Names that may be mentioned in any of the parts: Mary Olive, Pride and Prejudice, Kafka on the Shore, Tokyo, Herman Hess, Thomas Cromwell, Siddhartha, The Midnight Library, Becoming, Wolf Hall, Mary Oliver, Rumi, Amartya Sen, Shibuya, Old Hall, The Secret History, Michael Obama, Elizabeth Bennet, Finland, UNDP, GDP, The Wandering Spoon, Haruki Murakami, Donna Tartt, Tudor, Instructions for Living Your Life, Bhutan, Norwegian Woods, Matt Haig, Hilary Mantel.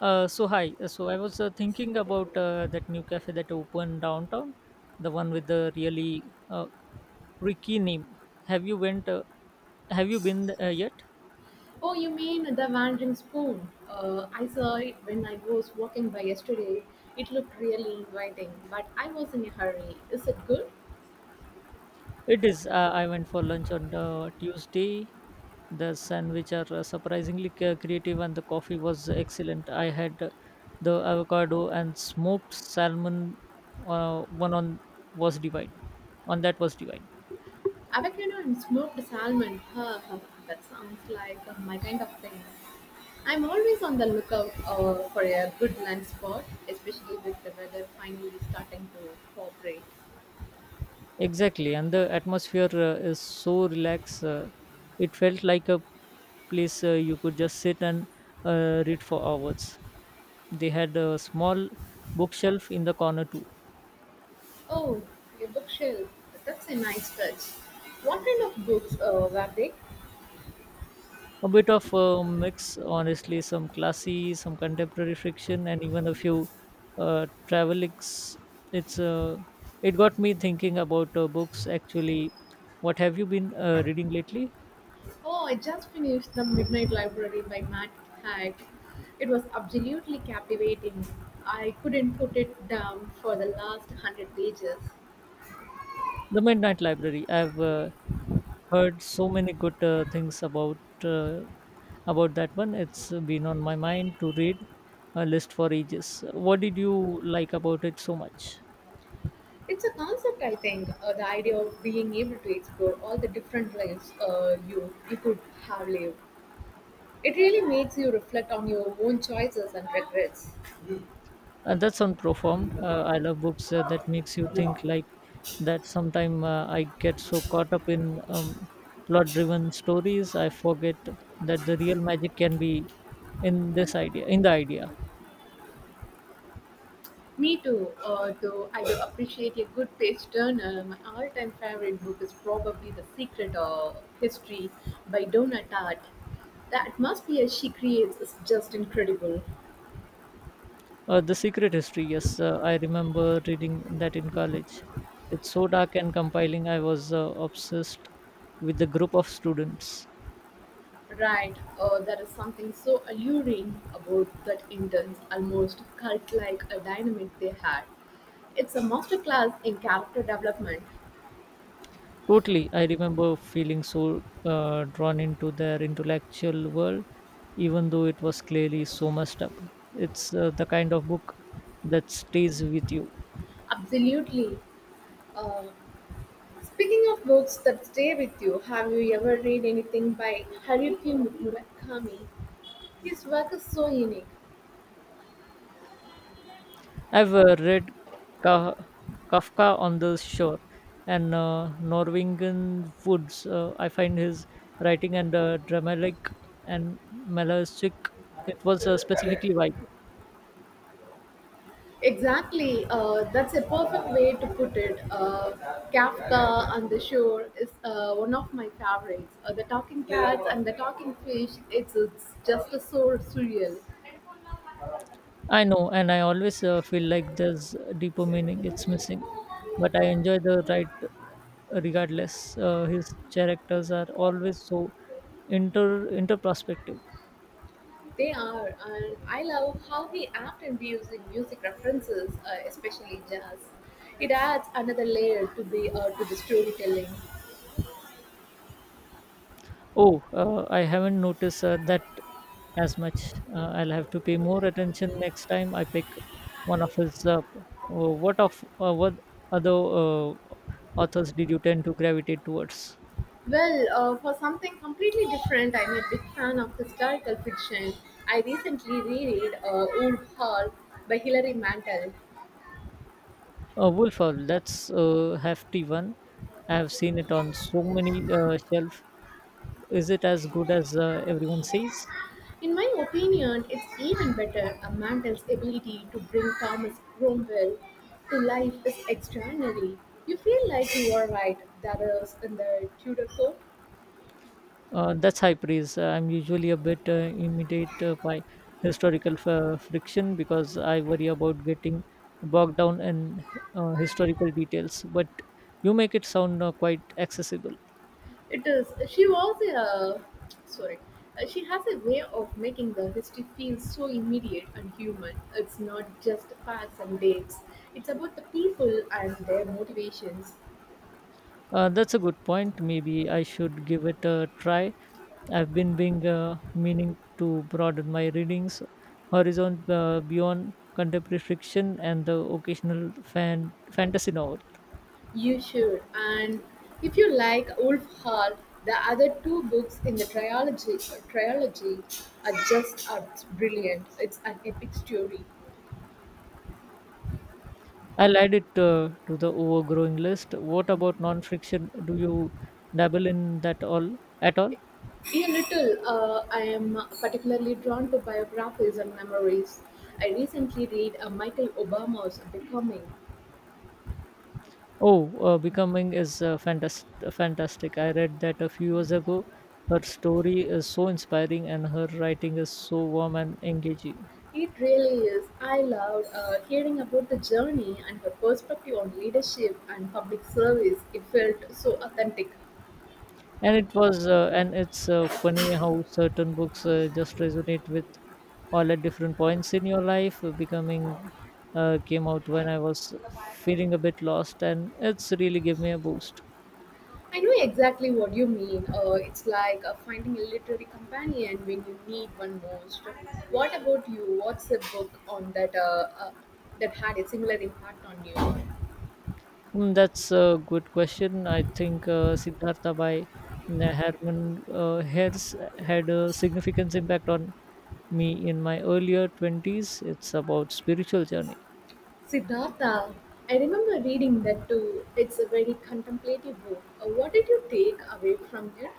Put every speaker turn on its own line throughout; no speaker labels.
So hi. So I was thinking about that new cafe that opened downtown, the one with the really tricky name. Have you went? Have you been yet?
Oh, you mean The Wandering Spoon? I saw it when I was walking by yesterday. It looked really inviting, but I was in a hurry. Is it good?
It is. I went for lunch on Tuesday. The sandwich are surprisingly creative, and the coffee was excellent. I had the avocado and smoked salmon. One on was divine. On that was divine.
Avocado and smoked salmon. Ha, ha, ha. That sounds like my kind of thing. I'm always on the lookout for a good lunch spot, especially with the weather finally starting to cooperate.
Exactly, and the atmosphere is so relaxed. It felt like a place you could just sit and read for hours. They had a small bookshelf in the corner too.
Oh, a bookshelf. That's a nice touch. What kind of books were they?
A bit of a mix, honestly, some classy, some contemporary fiction, and even a few travelics. It's uh, it got me thinking about books. Actually, what have you been reading lately?
Oh, I just finished The Midnight Library by Matt Haig. It was absolutely captivating. I couldn't put it down for the last hundred pages.
The Midnight Library. I've heard so many good things about uh, about that one. It's been on my mind to read a list for ages. What did you like about it so much?
It's a concept, I think, the idea of being able to explore all the different lives you could have lived. It really makes you reflect on your own choices and regrets.
And that's unperformed. I love books that makes you think like that. Sometime I get so caught up in plot-driven stories, I forget that the real magic can be in the idea.
Me too, though I do appreciate a good page turner. My all time favorite book is probably The Secret History by Donna Tartt. The atmosphere she creates is just incredible.
The Secret History. Yes, I remember reading that in college. It's so dark and compiling. I was obsessed with the group of students.
Right, there is something so alluring about that intense, almost cult like a dynamic they had. It's a masterclass in character development.
Totally, I remember feeling so drawn into their intellectual world, even though it was clearly so messed up. It's the kind of book that stays with you.
Absolutely. Uh, Speaking of books that stay with you, have you ever read anything by Haruki Murakami? His work is so unique.
I've read Ka- Kafka on the Shore and Norwegian Woods. I find his writing and dramatic and melancholic. It was specifically vibe.
Exactly, that's a perfect way to put it. Kafka on the Shore is one of my favorites. The talking cats and the talking fish, it's just so surreal.
I know, and I always feel like there's a deeper meaning it's missing, but I enjoy the right regardless. His characters are always so interperspective.
They are, and I love how he often views in music references, especially jazz. It adds another layer to the storytelling.
Oh, I haven't noticed that as much. I'll have to pay more attention next time I pick one of his. What other authors did you tend to gravitate towards?
Well, for something completely different, I'm a big fan of historical fiction. I recently reread Old Hall by Hilary Mantel.
Wolf Hall, that's a hefty one. I have seen it on so many shelf. Is it as good as everyone says?
In my opinion, it's even better. Mantel's ability to bring Thomas Cromwell to life is extraordinary. You feel like you are right, that is in the Tudor court.
That's high praise. I'm usually a bit immediate by historical friction because I worry about getting bogged down in historical details. But you make it sound quite accessible.
It is. She was a sorry. She has a way of making the history feel so immediate and human. It's not just facts and dates. It's about the people and their motivations.
That's a good point. Maybe I should give it a try. I've been being meaning to broaden my readings horizon beyond contemporary fiction and the occasional fan fantasy novel.
You should. And if you like Wolf Hall, the other two books in the trilogy are brilliant. It's an epic story.
I'll add it to the overgrowing list. What about non-fiction? Do you dabble in that all at all?
A little. I am particularly drawn to biographies and memories. I recently read Michael Obama's Becoming.
Oh, Becoming is fantastic. Fantastic. I read that a few years ago. Her story is so inspiring, and her writing is so warm and engaging.
It really is. I loved hearing about the journey and her perspective on leadership and public service. It felt so authentic.
And it was, and it's funny how certain books just resonate with all at different points in your life. Becoming came out when I was feeling a bit lost, and it's really gave me a boost.
I know exactly what you mean. It's like finding a literary companion when you need one most. What about you? What's a book on that had a similar impact on you?
Mm, that's a good question. I think Siddhartha by Herman Hess had a significant impact on me in my earlier 20s. It's about spiritual journey.
Siddhartha, I remember reading that too. It's a very contemplative book. What did you take away from it?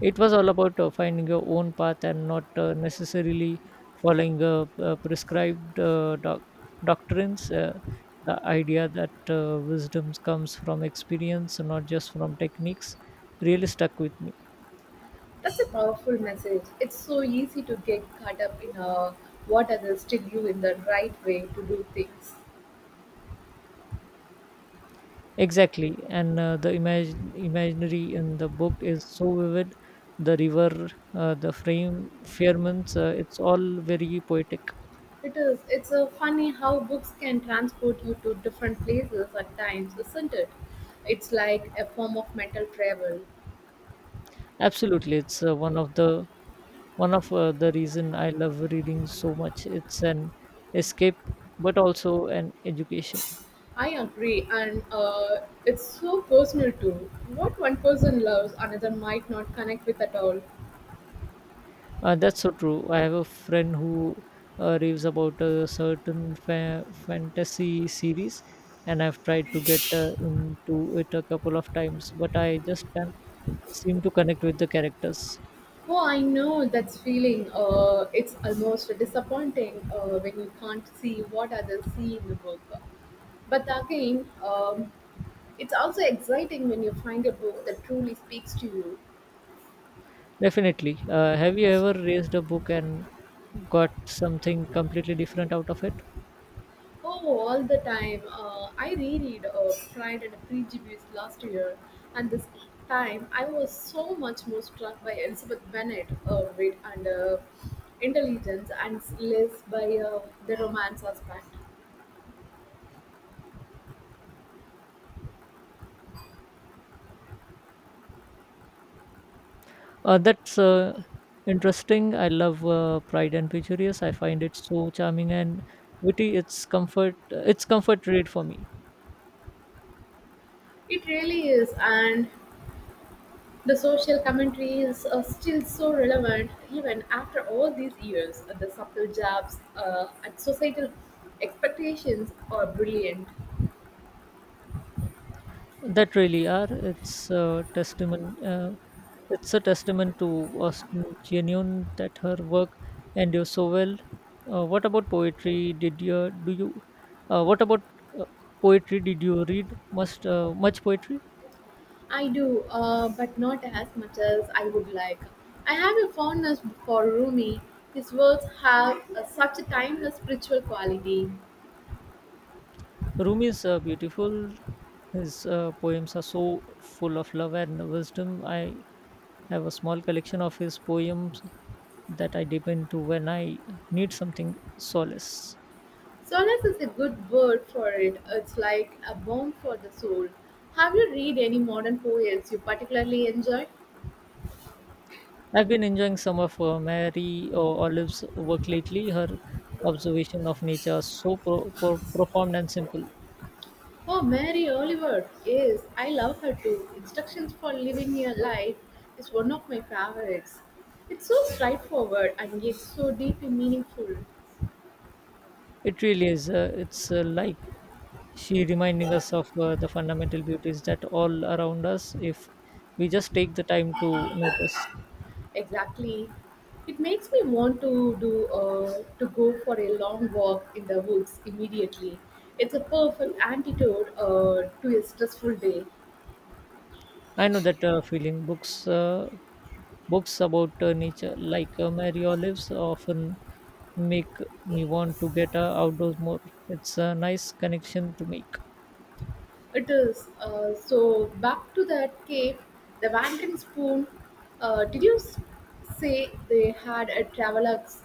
It was all about finding your own path and not necessarily following prescribed doctrines. The idea that wisdom comes from experience, not just from techniques, really stuck with me.
That's a powerful message. It's so easy to get caught up in what others tell you in the right way to do things.
Exactly, and the imaginary in the book is so vivid. The river, the frame, firmaments, it's all very poetic.
It is. It's funny how books can transport you to different places at times, isn't it? It's like a form of mental travel.
Absolutely, it's one of the reason I love reading so much. It's an escape, but also an education.
I agree, and it's so personal too. What one person loves, another might not connect with at all.
That's so true. I have a friend who raves about a certain fantasy series, and I've tried to get into it a couple of times, but I just can't seem to connect with the characters.
Oh, I know that feeling. It's almost disappointing when you can't see what others see in the book. But again, it's also exciting when you find a book that truly speaks to you.
Definitely. Have you ever raised a book and got something completely different out of it?
Oh, all the time. I reread Pride and Prejudice last year, and this time I was so much more struck by Elizabeth Bennet, wit and intelligence, and less by the romance aspect.
That's interesting. I love Pride and Prejudice. I find it so charming and witty. It's comfort. It's comfort read for me.
It really is, and the social commentary is still so relevant even after all these years. The subtle jabs at societal expectations are brilliant.
That really are, it's a testament to Austin genuine that her work endures so well. Uh, what about poetry did you do you what about uh, poetry, did you read much much poetry?
I do, but not as much as I would like. I have a fondness for Rumi. His words have such a timeless spiritual quality.
Rumi is beautiful. His poems are so full of love and wisdom. I have a small collection of his poems that I dip into when I need something solace.
Solace is a good word for it. It's like a balm for the soul. Have you read any modern poets you particularly enjoy?
I've been enjoying some of Mary Olive's work lately. Her observation of nature are so profound and simple.
Oh, Mary Oliver, yes, I love her too. Instructions for Living Your Life is one of my favorites. It's so straightforward and yet so deeply meaningful.
It really is. It's like she reminding us of the fundamental beauties that all around us if we just take the time to notice.
Exactly. It makes me want to do to go for a long walk in the woods immediately. It's a perfect antidote to a stressful day.
I know that feeling. Books about nature like Mary Olive's often make me want to get outdoors more. It's a nice connection to make.
It is. So back to that cave, the wandering spoon. Did say they had a travelogues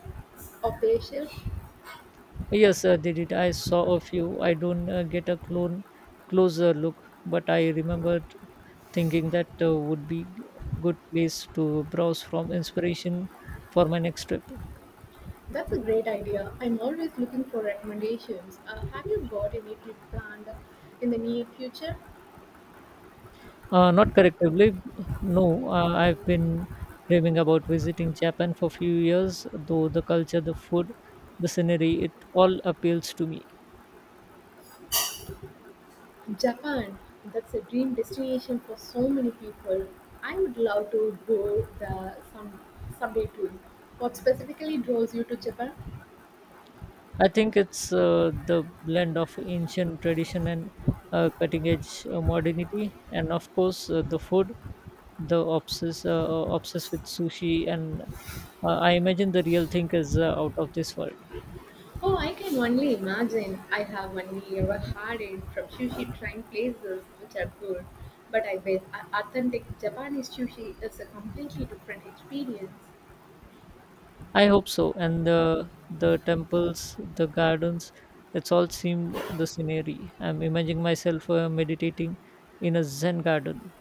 of their ship?
Yes, they did. I saw a few. I don't get a clone closer look, but I remembered thinking that would be good place to browse from inspiration for my next trip.
That's a great idea. I'm always looking for recommendations. Have you got any trip planned in the near future?
Not correctively, no. I've been dreaming about visiting Japan for a few years, though the culture, the food, the scenery, it all appeals to me.
Japan. That's a dream destination for so many people. I would love to go there someday too. What specifically draws you to Japan?
I think it's the blend of ancient tradition and cutting edge modernity, and of course the food, the obsess obsessed with sushi, and I imagine the real thing is out of this world.
Oh, I can only imagine. I have only ever had it from sushi trying places, which are good. But I bet a- authentic Japanese sushi is a completely different experience.
I hope so, and the temples, the gardens, it's all seemed the scenery. I'm imagining myself meditating in a zen garden.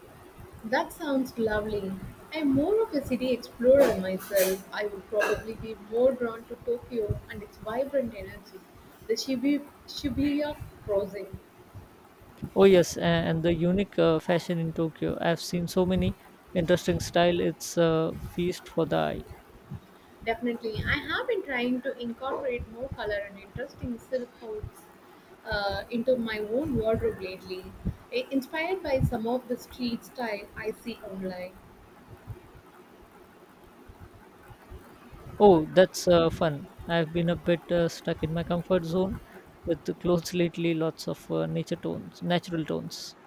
That sounds lovely. I'm more of a city explorer myself. I would probably be more drawn to Tokyo and its vibrant energy. The Shibuya crossing.
Oh yes, and the unique fashion in Tokyo. I've seen so many interesting style. It's a feast for the eye.
Definitely. I have been trying to incorporate more color and interesting silk hoods into my own wardrobe lately, inspired by some of the street style I see online.
Oh, that's fun. I've been a bit stuck in my comfort zone with the clothes lately, lots of natural tones.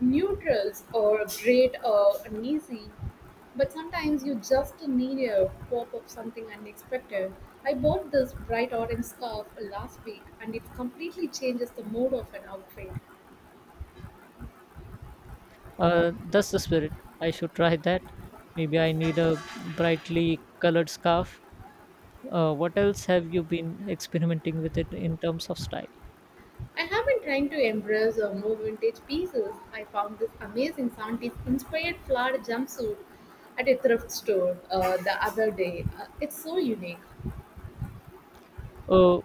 Neutrals are great and easy, but sometimes you just need a pop of something unexpected. I bought this bright orange scarf last week and it completely changes the mood of an outfit.
That's the spirit. I should try that. Maybe I need a brightly colored scarf. What else have you been experimenting with it in terms of style?
I have been trying to embrace more vintage pieces. I found this amazing 70s inspired flowered jumpsuit at a thrift store the other day. It's so unique.
Oh,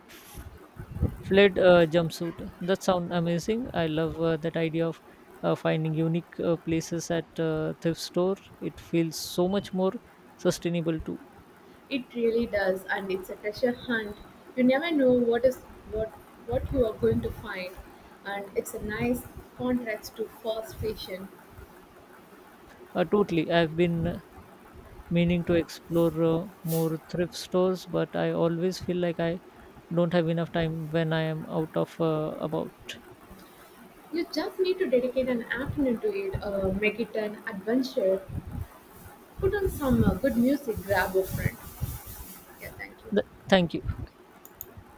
fled jumpsuit. That sounds amazing. I love that idea of finding unique places at thrift store. It feels so much more sustainable too.
It really does, and it's a treasure hunt. You never know what is what what you are going to find, and it's a nice contrast to fast fashion.
Totally. I've been meaning to explore more thrift stores, but I always feel like I don't have enough time when I am out of about.
You just need to dedicate an afternoon to it, make it an adventure, put on some good music, grab a friend. Yeah, thank you.
Thank you.